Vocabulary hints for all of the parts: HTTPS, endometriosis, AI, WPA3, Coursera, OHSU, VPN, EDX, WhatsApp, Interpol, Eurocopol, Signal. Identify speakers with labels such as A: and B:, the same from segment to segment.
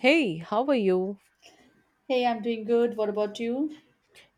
A: Hey, how are you?
B: Hey, I'm doing good. What about you?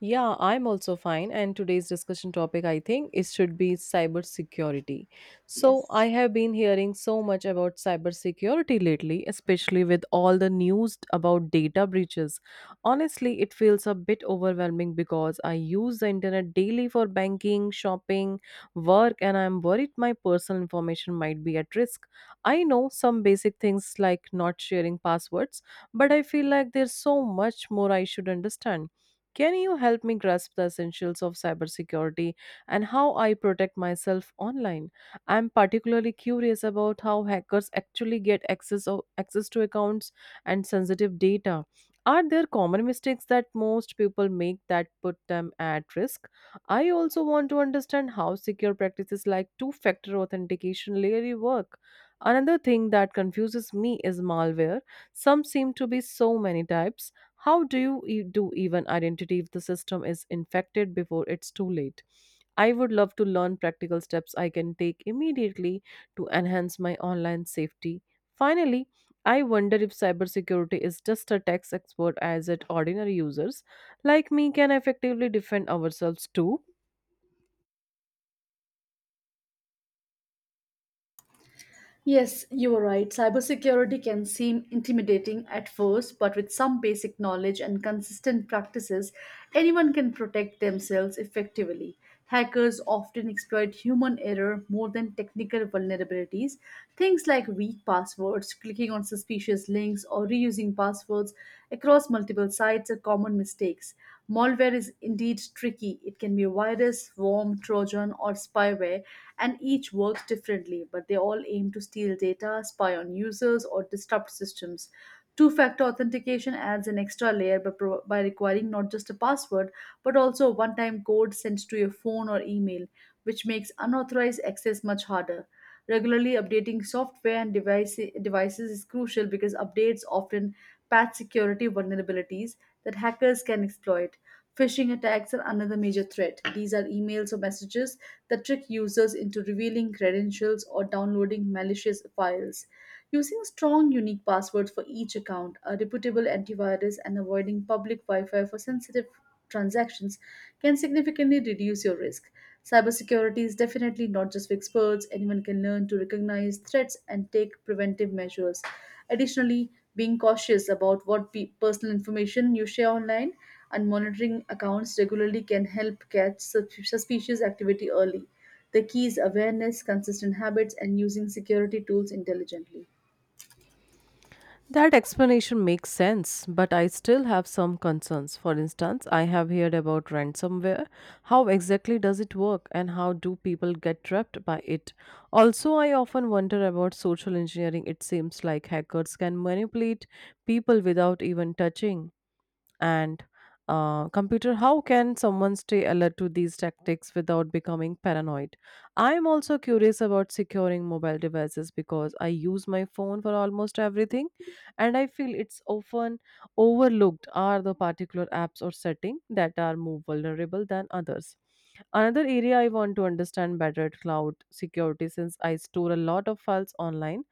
A: Yeah, I'm also fine. And today's discussion topic, I think, it should be cybersecurity. So I
B: Yes.
A: have been hearing so much about cybersecurity lately, especially with all the news about data breaches. Honestly, it feels a bit overwhelming because I use the internet daily for banking, shopping, work, and I'm worried my personal information might be at risk. I know some basic things like not sharing passwords, but I feel like there's so much more I should understand. Can you help me grasp the essentials of cybersecurity and how I protect myself online? I'm particularly curious about how hackers actually access to accounts and sensitive data. Are there common mistakes that most people make that put them at risk? I also want to understand how secure practices like two-factor authentication really work. Another thing that confuses me is malware. Some seem to be so many types. How do you e- do even identity if the system is infected before it's too late? I would love to learn practical steps I can take immediately to enhance my online safety. Finally, I wonder if cybersecurity is just a tax expert as it ordinary users like me can effectively defend ourselves too.
B: Yes, you are right. Cybersecurity can seem intimidating at first, but with some basic knowledge and consistent practices, anyone can protect themselves effectively. Hackers often exploit human error more than technical vulnerabilities. Things like weak passwords, clicking on suspicious links, or reusing passwords across multiple sites are common mistakes. Malware is indeed tricky. It can be a virus, worm, trojan, or spyware, and each works differently, but they all aim to steal data, spy on users, or disrupt systems. Two factor authentication adds an extra layer by requiring not just a password, but also a one time code sent to your phone or email, which makes unauthorized access much harder. Regularly updating devices is crucial because updates often patch security vulnerabilities that hackers can exploit. Phishing attacks are another major threat. These are emails or messages that trick users into revealing credentials or downloading malicious files. Using strong, unique passwords for each account, a reputable antivirus, and avoiding public Wi Fi for sensitive transactions can significantly reduce your risk. Cybersecurity is definitely not just for experts, anyone can learn to recognize threats and take preventive measures. Additionally, being cautious about what personal information you share online and monitoring accounts regularly can help catch suspicious activity early. The key is awareness, consistent habits, and using security tools intelligently.
A: That explanation makes sense, but I still have some concerns. For instance, I have heard about ransomware. How exactly does it work and how do people get trapped by it? Also, I often wonder about social engineering. It seems like hackers can manipulate people without even touching and computer. How can someone stay alert to these tactics without becoming paranoid? I'm also curious about securing mobile devices because I use my phone for almost everything and I feel it's often overlooked. Are the particular apps or setting that are more vulnerable than others? Another area I want to understand better at cloud security, since I store a lot of files online,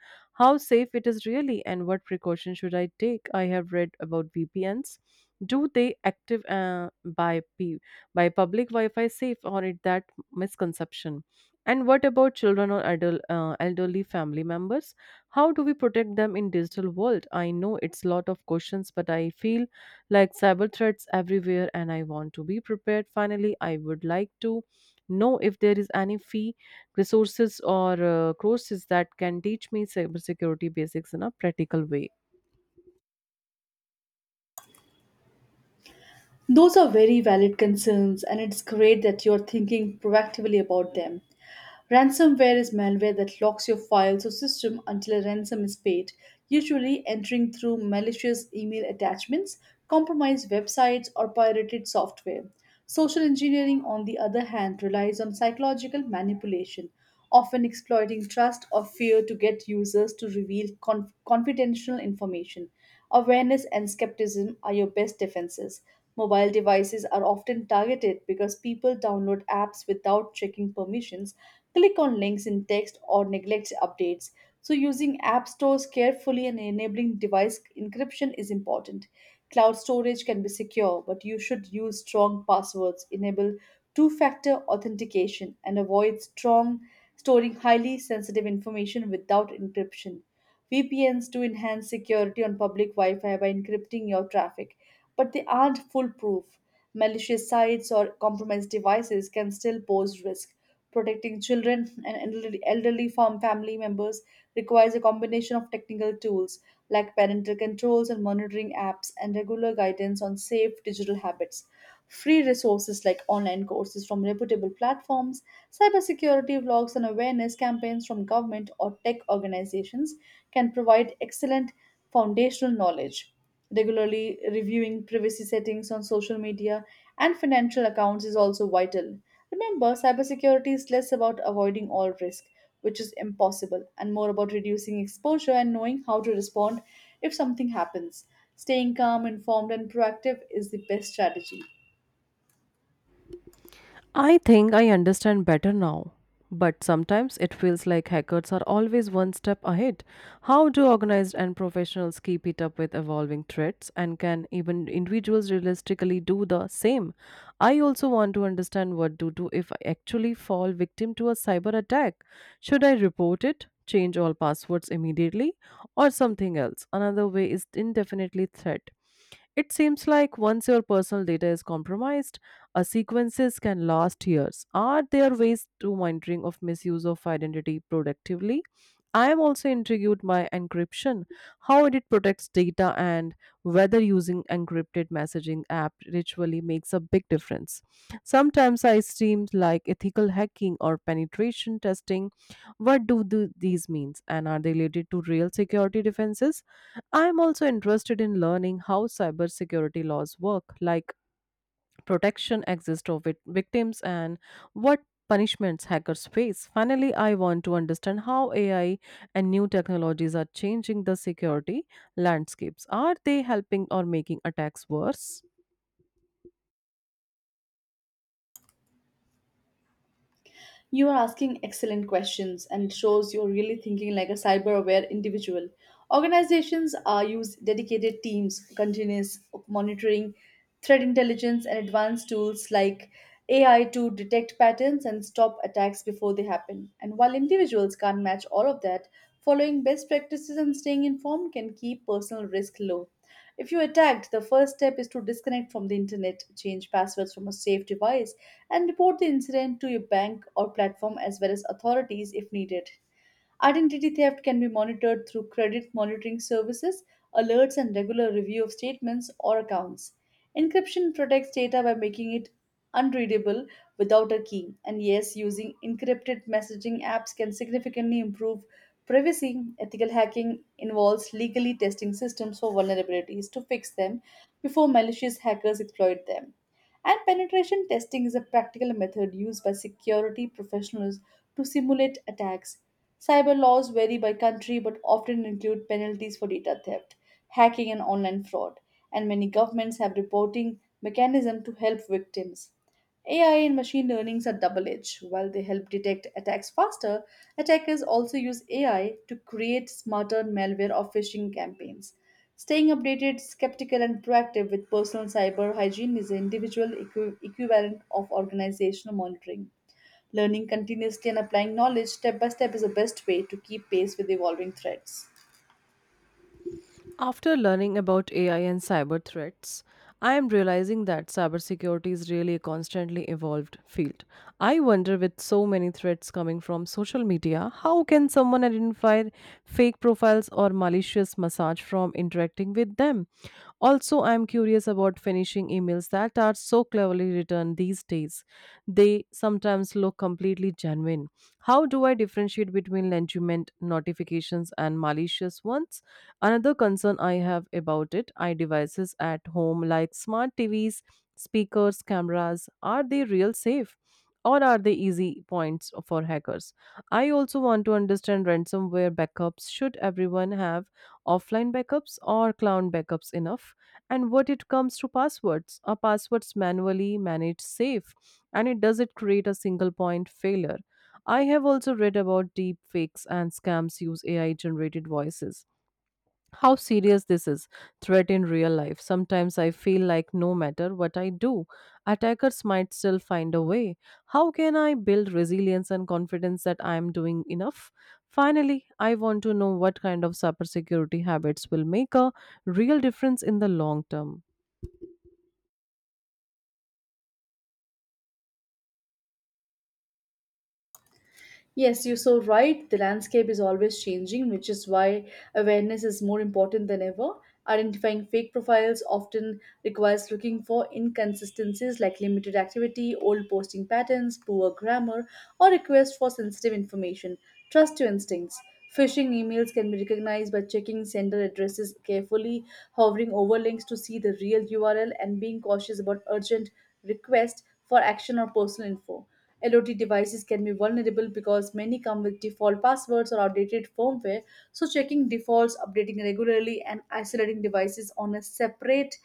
A: how safe it is really and what precautions should I take? I have read about VPNs. Do they active by public Wi-Fi safe, or is that misconception? And what about children or elderly family members? How do we protect them in digital world? I know it's lot of questions, but I feel like cyber threats everywhere and I want to be prepared. Finally, I would like to know if there is any fee resources or courses that can teach me cybersecurity basics in a practical way.
B: Those are very valid concerns, and it's great that you're thinking proactively about them. Ransomware is malware that locks your files or system until a ransom is paid, usually entering through malicious email attachments, compromised websites, or pirated software. Social engineering, on the other hand, relies on psychological manipulation often exploiting trust or fear to get users to reveal confidential information. Awareness and skepticism are your best defenses. Mobile devices are often targeted because people download apps without checking permissions, click on links in text, or neglect updates. So, using app stores carefully and enabling device encryption is important. Cloud storage can be secure, but you should use strong passwords, enable two factor authentication and avoid strong storing highly sensitive information without encryption. VPNs do enhance security on public Wi Fi by encrypting your traffic, but they aren't foolproof. Malicious sites or compromised devices can still pose risk. Protecting children and elderly elderly farm family members requires a combination of technical tools like parental controls and monitoring apps and regular guidance on safe digital habits. Free resources like online courses from reputable platforms, cybersecurity blogs, and awareness campaigns from government or tech organizations can provide excellent foundational knowledge. Regularly reviewing privacy settings on social media and financial accounts is also vital. Remember, cybersecurity is less about avoiding all risk, which is impossible, and more about reducing exposure and knowing how to respond if something happens. Staying calm, informed, and proactive is the best strategy.
A: I think I understand better now, but sometimes it feels like hackers are always one step ahead. How do organized and professionals keep it up with evolving threats, and can even individuals realistically do the same? I also want to understand what to do if I actually fall victim to a cyber attack. Should I report it? Change all passwords immediately, or something else? Another way is indefinitely threat. It seems like once your personal data is compromised, a sequences can last years. Are there ways to monitoring of misuse of identity productively? I am also intrigued by encryption, how it protects data, and whether using encrypted messaging app ritually makes a big difference. Sometimes I seem like ethical hacking or penetration testing. What do these means, and are they related to real security defenses? I'm also interested in learning how cybersecurity laws work, like protection exists of victims and what punishments hackers face. Finally, I want to understand how AI and new technologies are changing the security landscapes. Are they helping or making attacks worse?
B: You are asking excellent questions and shows you're really thinking like a cyber aware individual. Organizations are use dedicated teams, continuous monitoring, threat intelligence, and advanced tools like AI to detect patterns and stop attacks before they happen. And while individuals can't match all of that, following best practices and staying informed can keep personal risk low. If you are tagged, the first step is to disconnect from the internet, change passwords from a safe device, and report the incident to your bank or platform as well as authorities if needed. Identity theft can be monitored through credit monitoring services, alerts, and regular review of statements or accounts. Encryption protects data by making it unreadable without a key. And yes, using encrypted messaging apps can significantly improve privacy. Ethical hacking involves legally testing systems for vulnerabilities to fix them before malicious hackers exploit them. And penetration testing is a practical method used by security professionals to simulate attacks. Cyber laws vary by country but often include penalties for data theft, hacking, and online fraud, and many governments have reporting mechanisms to help victims. AI and machine learnings are double edged. While they help detect attacks faster, attackers also use AI to create smarter malware or phishing campaigns. Staying updated, skeptical, and proactive with personal cyber hygiene is the individual equivalent of organizational monitoring. Learning continuously and applying knowledge step by step is the best way to keep pace with evolving threats.
A: After learning about AI and cyber threats, I am realizing that cybersecurity is really a constantly evolved field. I wonder, with so many threats coming from social media, how can someone identify fake profiles or malicious message from interacting with them? Also, I am curious about phishing emails that are so cleverly written these days. They sometimes look completely genuine. How do I differentiate between legitimate notifications and malicious ones? Another concern I have about it, I devices at home like smart TVs, speakers, cameras, are they real safe? Or are they easy points for hackers? I also want to understand ransomware backups. Should everyone have offline backups, or cloud backups enough? And what it comes to passwords? Are passwords manually managed safe? And it does it create a single point failure? I have also read about deep fakes and scams use AI generated voices. How serious this is threat in real life? Sometimes I feel like no matter what I do, attackers might still find a way. How can I build resilience and confidence that I am doing enough? Finally, I want to know what kind of cybersecurity habits will make a real difference in the long term.
B: Yes, you're so right. The landscape is always changing, which is why awareness is more important than ever. Identifying fake profiles often requires looking for inconsistencies like limited activity, old posting patterns, poor grammar, or requests for sensitive information. Trust your instincts. Phishing emails can be recognized by checking sender addresses carefully, hovering over links to see the real URL, and being cautious about urgent requests for action or personal info. LOT devices can be vulnerable because many come with default passwords or outdated firmware. So, checking defaults, updating regularly, and isolating devices on a separate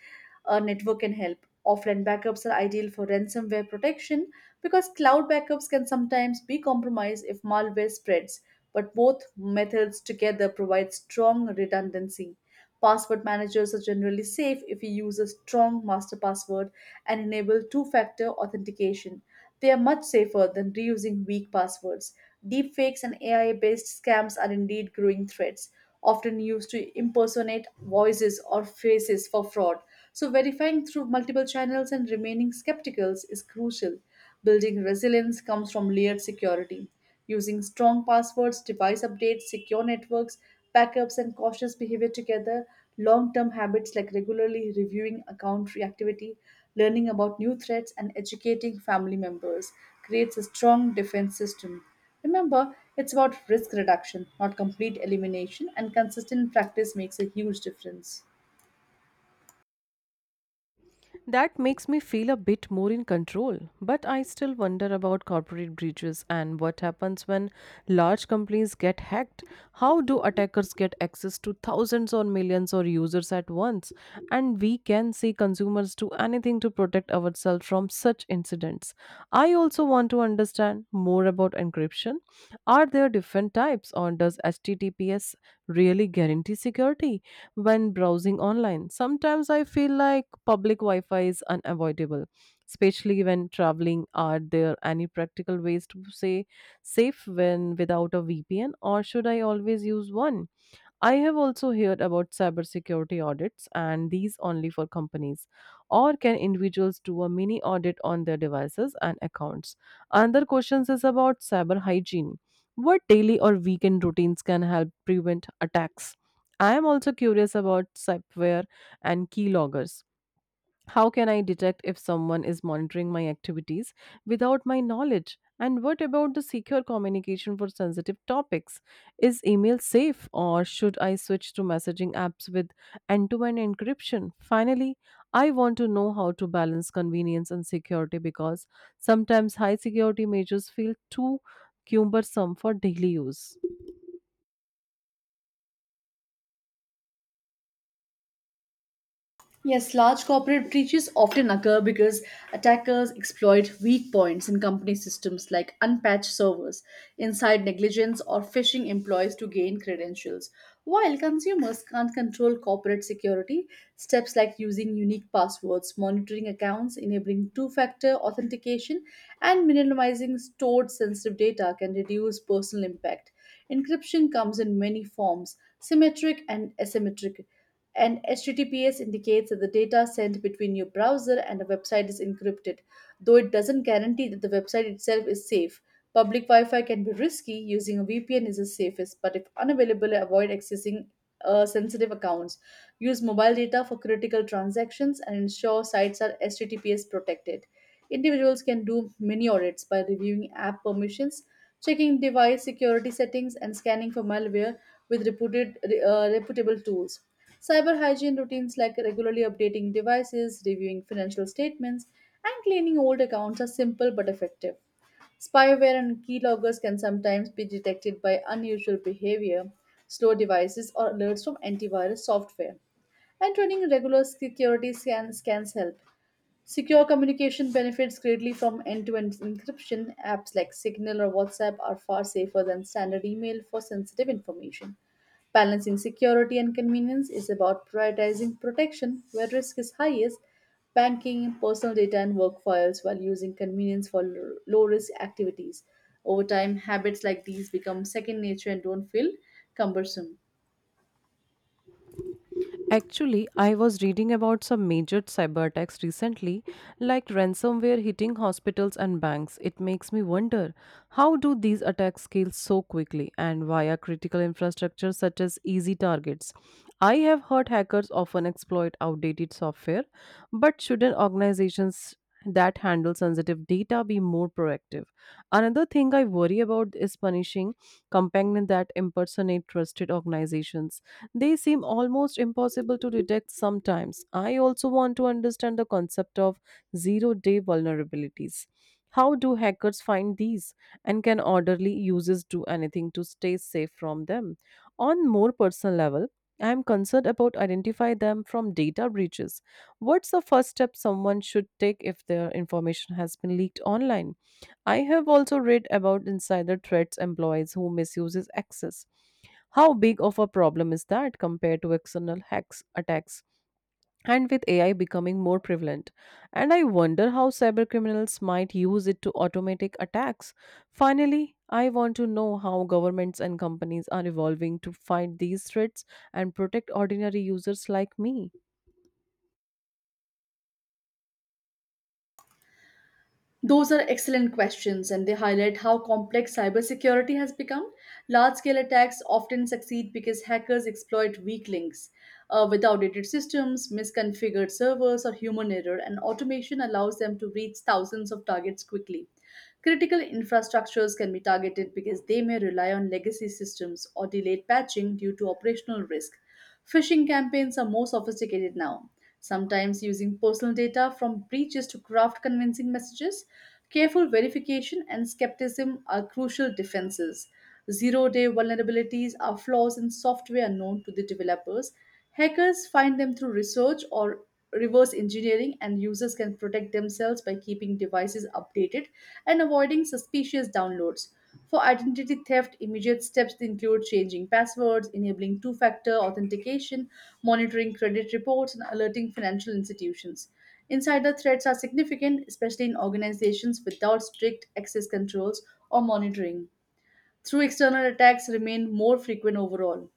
B: network can help. Offline backups are ideal for ransomware protection because cloud backups can sometimes be compromised if malware spreads. But both methods together provide strong redundancy. Password managers are generally safe if you use a strong master password and enable two factor authentication. They are much safer than reusing weak passwords. Deepfakes and AI based scams are indeed growing threats, often used to impersonate voices or faces for fraud. So, verifying through multiple channels and remaining skeptical is crucial. Building resilience comes from layered security, using strong passwords, device updates, secure networks, backups, and cautious behavior together. Long term habits like regularly reviewing account reactivity, learning about new threats, and educating family members creates a strong defense system. Remember, it's about risk reduction, not complete elimination, and consistent practice makes a huge difference.
A: That makes me feel a bit more in control, but I still wonder about corporate breaches and what happens when large companies get hacked. How do attackers get access to thousands or millions of users at once? And we can see consumers do anything to protect ourselves from such incidents types. I also want to understand more about encryption. Are there different types, or does HTTPS really guarantee security when browsing online? Sometimes I feel like public Wi Fi is unavoidable, especially when traveling. Are there any practical ways to say safe when without a VPN, or should I always use one? I have also heard about cybersecurity audits, and these only for companies. Or can individuals do a mini audit on their devices and accounts? Another question is about cyber hygiene. What daily or weekend routines can help prevent attacks? I am also curious about spyware and keyloggers. How can I detect if someone is monitoring my activities without my knowledge? And what about the secure communication for sensitive topics? Is email safe, or should I switch to messaging apps with end to end encryption? Finally, I want to know how to balance convenience and security, because sometimes high security measures feel too cumbersome for daily use.
B: Yes, large corporate breaches often occur because attackers exploit weak points in company systems like unpatched servers, inside negligence, or phishing employees to gain credentials. While consumers can't control corporate security, steps like using unique passwords, monitoring accounts, enabling two factor authentication, and minimizing stored sensitive data can reduce personal impact. Encryption comes in many forms symmetric and asymmetric and HTTPS indicates that the data sent between your browser and a website is encrypted, though it doesn't guarantee that the website itself is safe. Public Wi Fi can be risky, using a VPN is the safest, but if unavailable, avoid accessing sensitive accounts. Use mobile data for critical transactions and ensure sites are HTTPS protected. Individuals can do mini audits by reviewing app permissions, checking device security settings, and scanning for malware with reputable tools. Cyber hygiene routines like regularly updating devices, reviewing financial statements, and cleaning old accounts are simple but effective. Spyware and keyloggers can sometimes be detected by unusual behavior, slow devices, or alerts from antivirus software. And running regular security scans help. Secure communication benefits greatly from end to end encryption. Apps like Signal or WhatsApp are far safer than standard email for sensitive information. Balancing security and convenience is about prioritizing protection where risk is highest, banking, personal data, and work files while using convenience for low risk activities. Over time, habits like these become second nature and don't feel cumbersome.
A: Actually, I was reading about some major cyber attacks recently, like ransomware hitting hospitals and banks. It makes me wonder, how do these attacks scale so quickly and via critical infrastructure such as easy targets? I have heard hackers often exploit outdated software, but shouldn't organizations that handle sensitive data be more proactive? Another thing I worry about is punishing companies that impersonate trusted organizations. They seem almost impossible to detect sometimes. I also want to understand the concept of zero day vulnerabilities. How do hackers find these, and can orderly users do anything to stay safe from them? On more personal level, I am concerned about identify them from data breaches. What's the first step someone should take if their information has been leaked online? I have also read about insider threats, employees who misuses access. How big of a problem is that compared to external hacks attacks? And with AI becoming more prevalent, And I wonder how cybercriminals might use it to automatic attacks. Finally, I want to know how governments and companies are evolving to fight these threats and protect ordinary users like me.
B: Those are excellent questions, and they highlight how complex cybersecurity has become. Large scale attacks often succeed because hackers exploit weak links. With outdated systems, misconfigured servers, or human error, and automation allows them to reach thousands of targets quickly. Critical infrastructures can be targeted because they may rely on legacy systems or delayed patching due to operational risk. Phishing campaigns are more sophisticated now, sometimes using personal data from breaches to craft convincing messages. Careful verification and skepticism are crucial defenses. Zero day vulnerabilities are flaws in software known to the developers. Hackers find them through research or reverse engineering, and users can protect themselves by keeping devices updated and avoiding suspicious downloads. For identity theft, immediate steps include changing passwords, enabling two factor authentication, monitoring credit reports, and alerting financial institutions. Insider threats are significant, especially in organizations without strict access controls or monitoring through external attacks remain more frequent overall.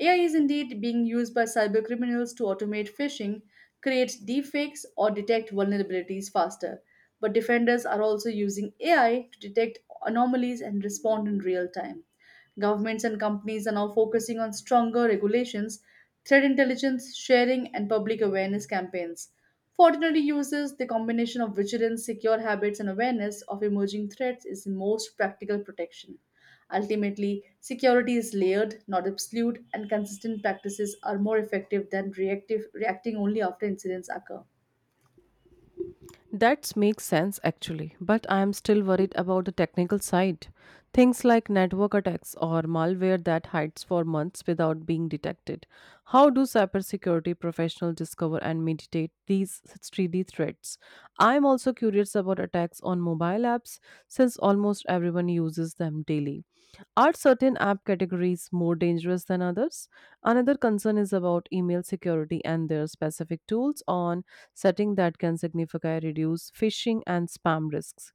B: AI is indeed being used by cybercriminals to automate phishing, create deepfakes, or detect vulnerabilities faster. But defenders are also using AI to detect anomalies and respond in real time. Governments and companies are now focusing on stronger regulations, threat intelligence sharing, and public awareness campaigns. For ordinary users, the combination of vigilance, secure habits, and awareness of emerging threats is the most practical protection. Ultimately, security is layered, not absolute, and consistent practices are more effective than reactive reacting only after incidents occur.
A: That makes sense actually, but I am still worried about the technical side. Things like network attacks or malware that hides for months without being detected. How do cybersecurity professionals discover and mitigate these 3D threats? I am also curious about attacks on mobile apps, since almost everyone uses them daily. Are certain app categories more dangerous than others? Another concern is about email security and their specific tools on setting that can significantly reduce phishing and spam risks.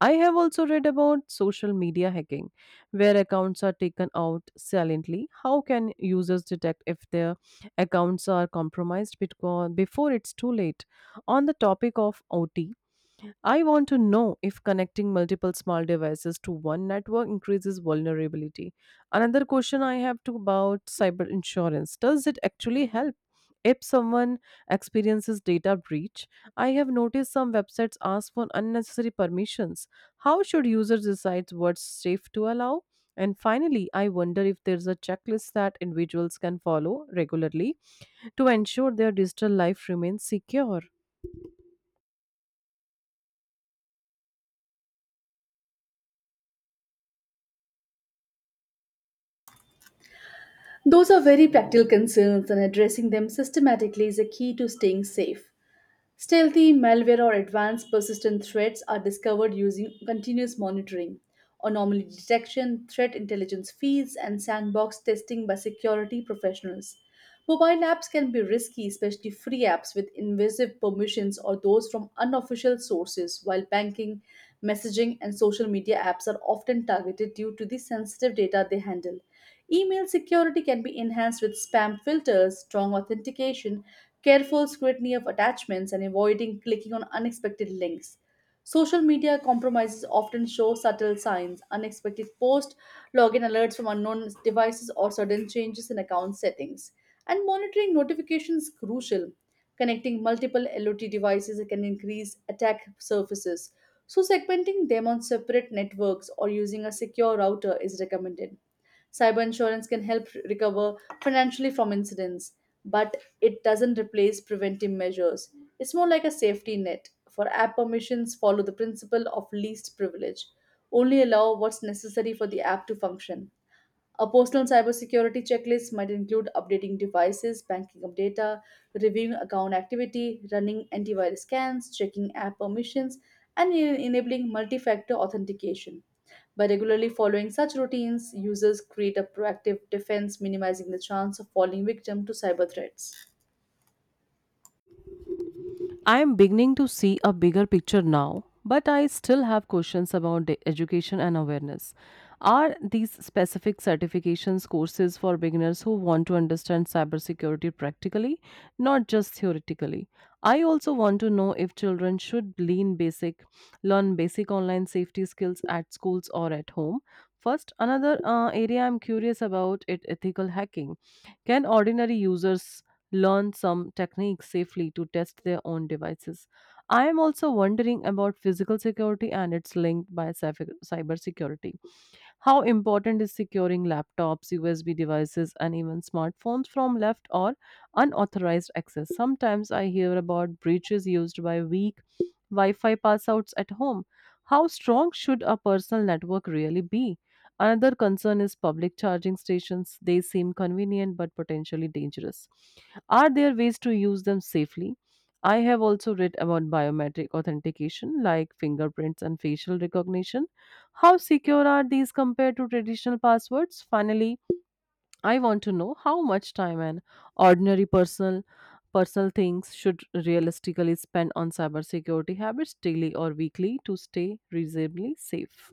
A: I have also read about social media hacking, where accounts are taken out silently. How can users detect if their accounts are compromised before it's too late? On the topic of OT, I want to know if connecting multiple small devices to one network increases vulnerability. Another question I have to about cyber insurance. Does it actually help if someone experiences data breach? I have noticed some websites ask for unnecessary permissions. How should users decide what's safe to allow? And finally, I wonder if there's a checklist that individuals can follow regularly to ensure their digital life remains secure.
B: Those are very practical concerns, and addressing them systematically is a key to staying safe. Stealthy malware or advanced persistent threats are discovered using continuous monitoring, anomaly detection, threat intelligence feeds, and sandbox testing by security professionals. Mobile apps can be risky, especially free apps with invasive permissions or those from unofficial sources, while banking, messaging, and social media apps are often targeted due to the sensitive data they handle. Email security can be enhanced with spam filters, strong authentication, careful scrutiny of attachments, and avoiding clicking on unexpected links. Social media compromises often show subtle signs, unexpected post, login alerts from unknown devices, or sudden changes in account settings. And monitoring notifications is crucial. Connecting multiple LOT devices can increase attack surfaces. So, segmenting them on separate networks or using a secure router is recommended. Cyber insurance can help recover financially from incidents, but it doesn't replace preventive measures. It's more like a safety net. For app permissions, follow the principle of least privilege. Only allow what's necessary for the app to function. A personal cybersecurity checklist might include updating devices, banking up data, reviewing account activity, running antivirus scans, checking app permissions, and enabling multi factor authentication. By regularly following such routines, users create a proactive defense, minimizing the chance of falling victim to cyber threats.
A: I am beginning to see a bigger picture now, but I still have questions about the education and awareness. Are these specific certifications courses for beginners who want to understand cybersecurity practically, not just theoretically? I also want to know if children should learn basic online safety skills at schools or at home. First, another area I'm curious about is ethical hacking. Can ordinary users learn some techniques safely to test their own devices? I am also wondering about physical security and its link by cybersecurity. How important is securing laptops, USB devices, and even smartphones from left or unauthorized access? Sometimes I hear about breaches used by weak Wi Fi passouts at home. How strong should a personal network really be? Another concern is public charging stations. They seem convenient but potentially dangerous. Are there ways to use them safely? I have also read about biometric authentication like fingerprints and facial recognition. How secure are these compared to traditional passwords? Finally, I want to know how much time an ordinary personal things should realistically spend on cybersecurity habits daily or weekly to stay reasonably safe.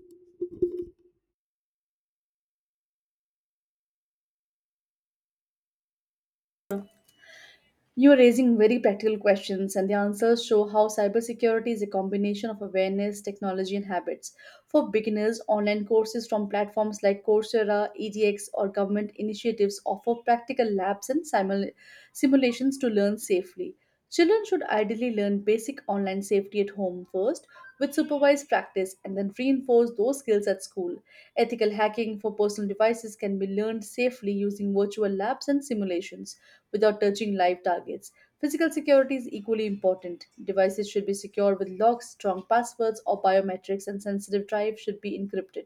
B: You are raising very practical questions, and the answers show how cybersecurity is a combination of awareness, technology, and habits. For beginners, online courses from platforms like Coursera, EDX, or government initiatives offer practical labs and simulations to learn safely. Children should ideally learn basic online safety at home first with supervised practice and then reinforce those skills at school. Ethical hacking for personal devices can be learned safely using virtual labs and simulations without touching live targets. Physical security is equally important. Devices should be secure with locks, strong passwords, or biometrics, and sensitive drives should be encrypted.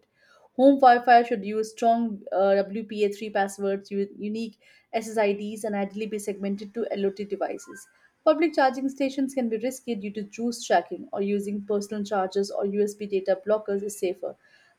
B: Home Wi-Fi should use strong WPA3 passwords, unique SSIDs, and ideally be segmented to LOT devices. Public charging stations can be risky due to juice tracking, or using personal chargers or USB data blockers is safer.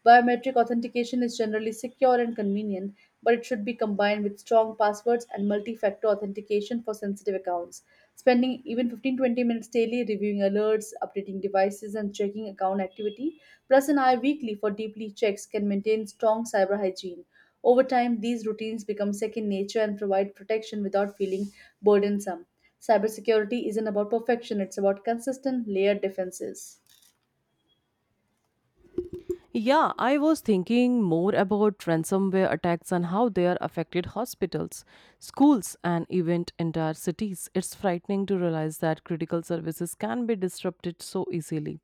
B: Biometric authentication is generally secure and convenient, but it should be combined with strong passwords and multi factor authentication for sensitive accounts. Spending even 15 20 minutes daily reviewing alerts, updating devices, and checking account activity plus an eye weekly for deeply checks can maintain strong cyber hygiene. Over time, these routines become second nature and provide protection without feeling burdensome. Cybersecurity isn't about perfection, it's about consistent layered defenses.
A: Yeah, I was thinking more about ransomware attacks and how they are affected hospitals, schools, and even entire cities. It's frightening to realize that critical services can be disrupted so easily.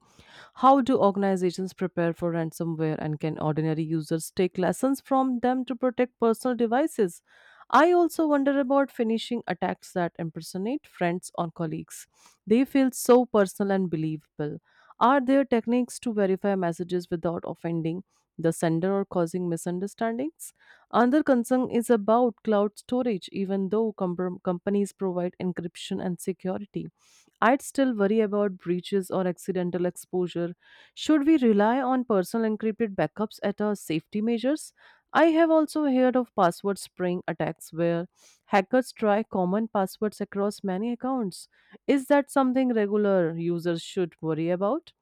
A: How do organizations prepare for ransomware, and can ordinary users take lessons from them to protect personal devices? I also wonder about phishing attacks that impersonate friends or colleagues. They feel so personal and believable. Are there techniques to verify messages without offending the sender or causing misunderstandings? Another concern is about cloud storage. Even though companies provide encryption and security, I'd still worry about breaches or accidental exposure. Should we rely on personal encrypted backups at our safety measures? I have also heard of password spraying attacks where hackers try common passwords across many accounts. Is that something regular users should worry about?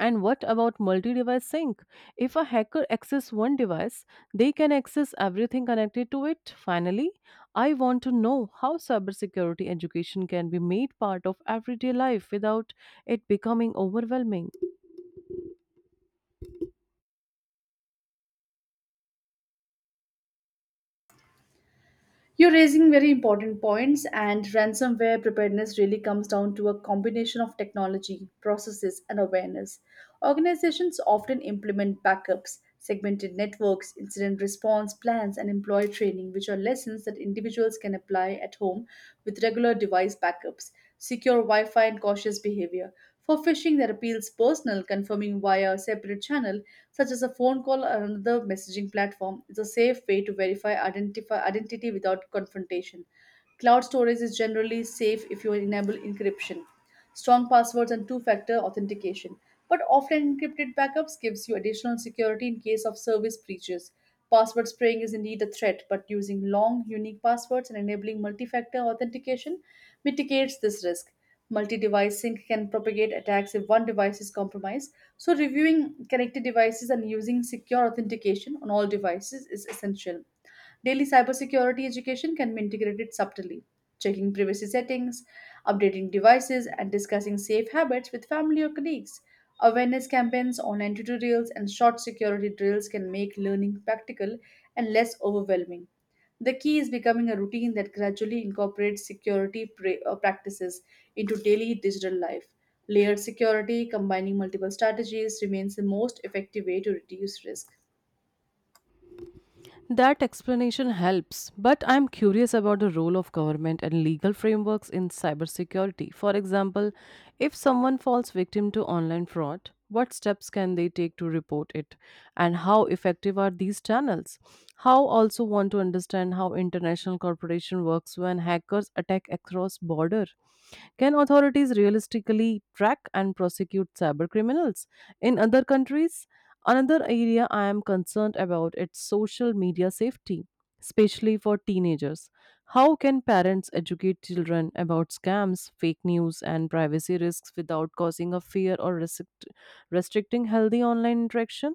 A: And what about multi device sync? If a hacker accesses one device, they can access everything connected to it. Finally, I want to know how cybersecurity education can be made part of everyday life without it becoming overwhelming.
B: You're raising very important points, and ransomware preparedness really comes down to a combination of technology, processes, and awareness. Organizations often implement backups, segmented networks, incident response plans, and employee training, which are lessons that individuals can apply at home with regular device backups, secure Wi Fi, and cautious behavior. For phishing that appeals personal, confirming via a separate channel, such as a phone call or another messaging platform, is a safe way to verify identify identity without confrontation. Cloud storage is generally safe if you enable encryption, strong passwords, and two-factor authentication. But offline encrypted backups gives you additional security in case of service breaches. Password spraying is indeed a threat, but using long, unique passwords and enabling multi factor authentication mitigates this risk. Multi-device sync can propagate attacks if one device is compromised. So reviewing connected devices and using secure authentication on all devices is essential. Daily cybersecurity education can be integrated subtly, checking privacy settings, updating devices, and discussing safe habits with family or colleagues. Awareness campaigns, online tutorials, and short security drills can make learning practical and less overwhelming. The key is becoming a routine that gradually incorporates security practices into daily digital life. Layered security, combining multiple strategies, remains the most effective way to reduce risk.
A: That explanation helps, but I'm curious about the role of government and legal frameworks in cybersecurity. For example, if someone falls victim to online fraud, what steps can they take to report it, and how effective are these channels? How also want to understand how international cooperation works when hackers attack across border? Can authorities realistically track and prosecute cyber criminals in other countries? Another area I am concerned about is social media safety, especially for teenagers. How can parents educate children about scams, fake news, and privacy risks without causing a fear or restricting healthy online interaction?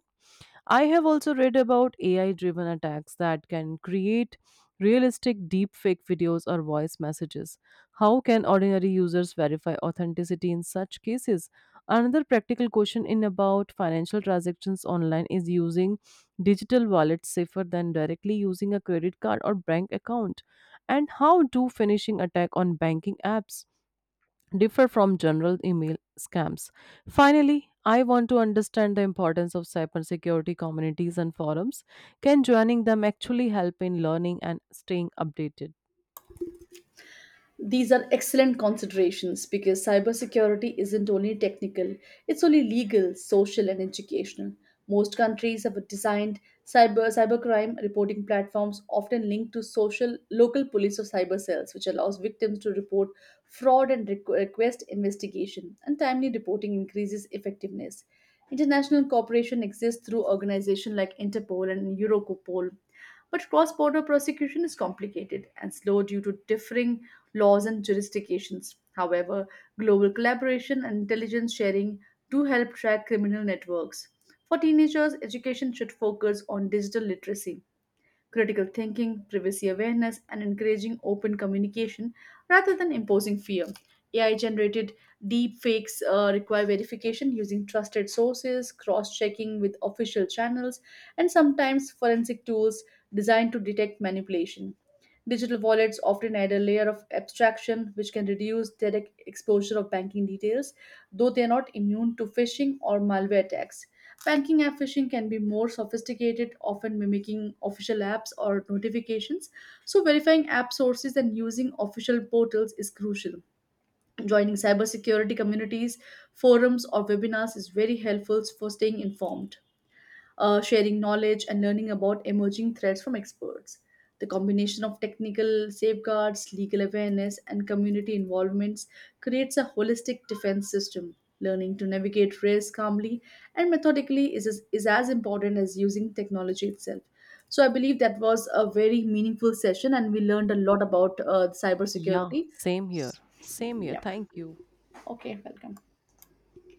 A: I have also read about AI driven attacks that can create realistic deepfake videos or voice messages. How can ordinary users verify authenticity in such cases? Another practical question in about financial transactions online, is using digital wallets safer than directly using a credit card or bank account? And how do phishing attack on banking apps differ from general email scams? Finally, I want to understand the importance of cybersecurity communities and forums. Can joining them actually help in learning and staying updated?
B: These are excellent considerations because cybersecurity isn't only technical, it's only legal, social, and educational. Most countries have designed cybercrime reporting platforms often linked to social local police or cyber cells, which allows victims to report fraud and request investigation. And timely reporting increases effectiveness. International cooperation exists through organizations like Interpol and Eurocopol, but cross border prosecution is complicated and slow due to differing laws, and jurisdictions. However, global collaboration and intelligence sharing do help track criminal networks. For teenagers, education should focus on digital literacy critical thinking, privacy awareness, and encouraging open communication rather than imposing fear. AI generated deep fakes require verification using trusted sources, cross checking with official channels, and sometimes forensic tools designed to detect manipulation. Digital wallets often add a layer of abstraction which can reduce direct exposure of banking details, though they are not immune to phishing or malware attacks. Banking app phishing can be more sophisticated, often mimicking official apps or notifications. So, verifying app sources and using official portals is crucial. Joining cybersecurity communities, forums, or webinars is very helpful for staying informed sharing knowledge and learning about emerging threats from experts. The combination of technical safeguards, legal awareness, and community involvements creates a holistic defense system. Learning to navigate risk calmly and methodically is, is as important as using technology itself. So, I believe that was a very meaningful session, and we learned a lot about
A: Yeah,
B: cybersecurity.
A: same here. Same here.
B: Yeah.
A: Thank you.
B: Okay, welcome.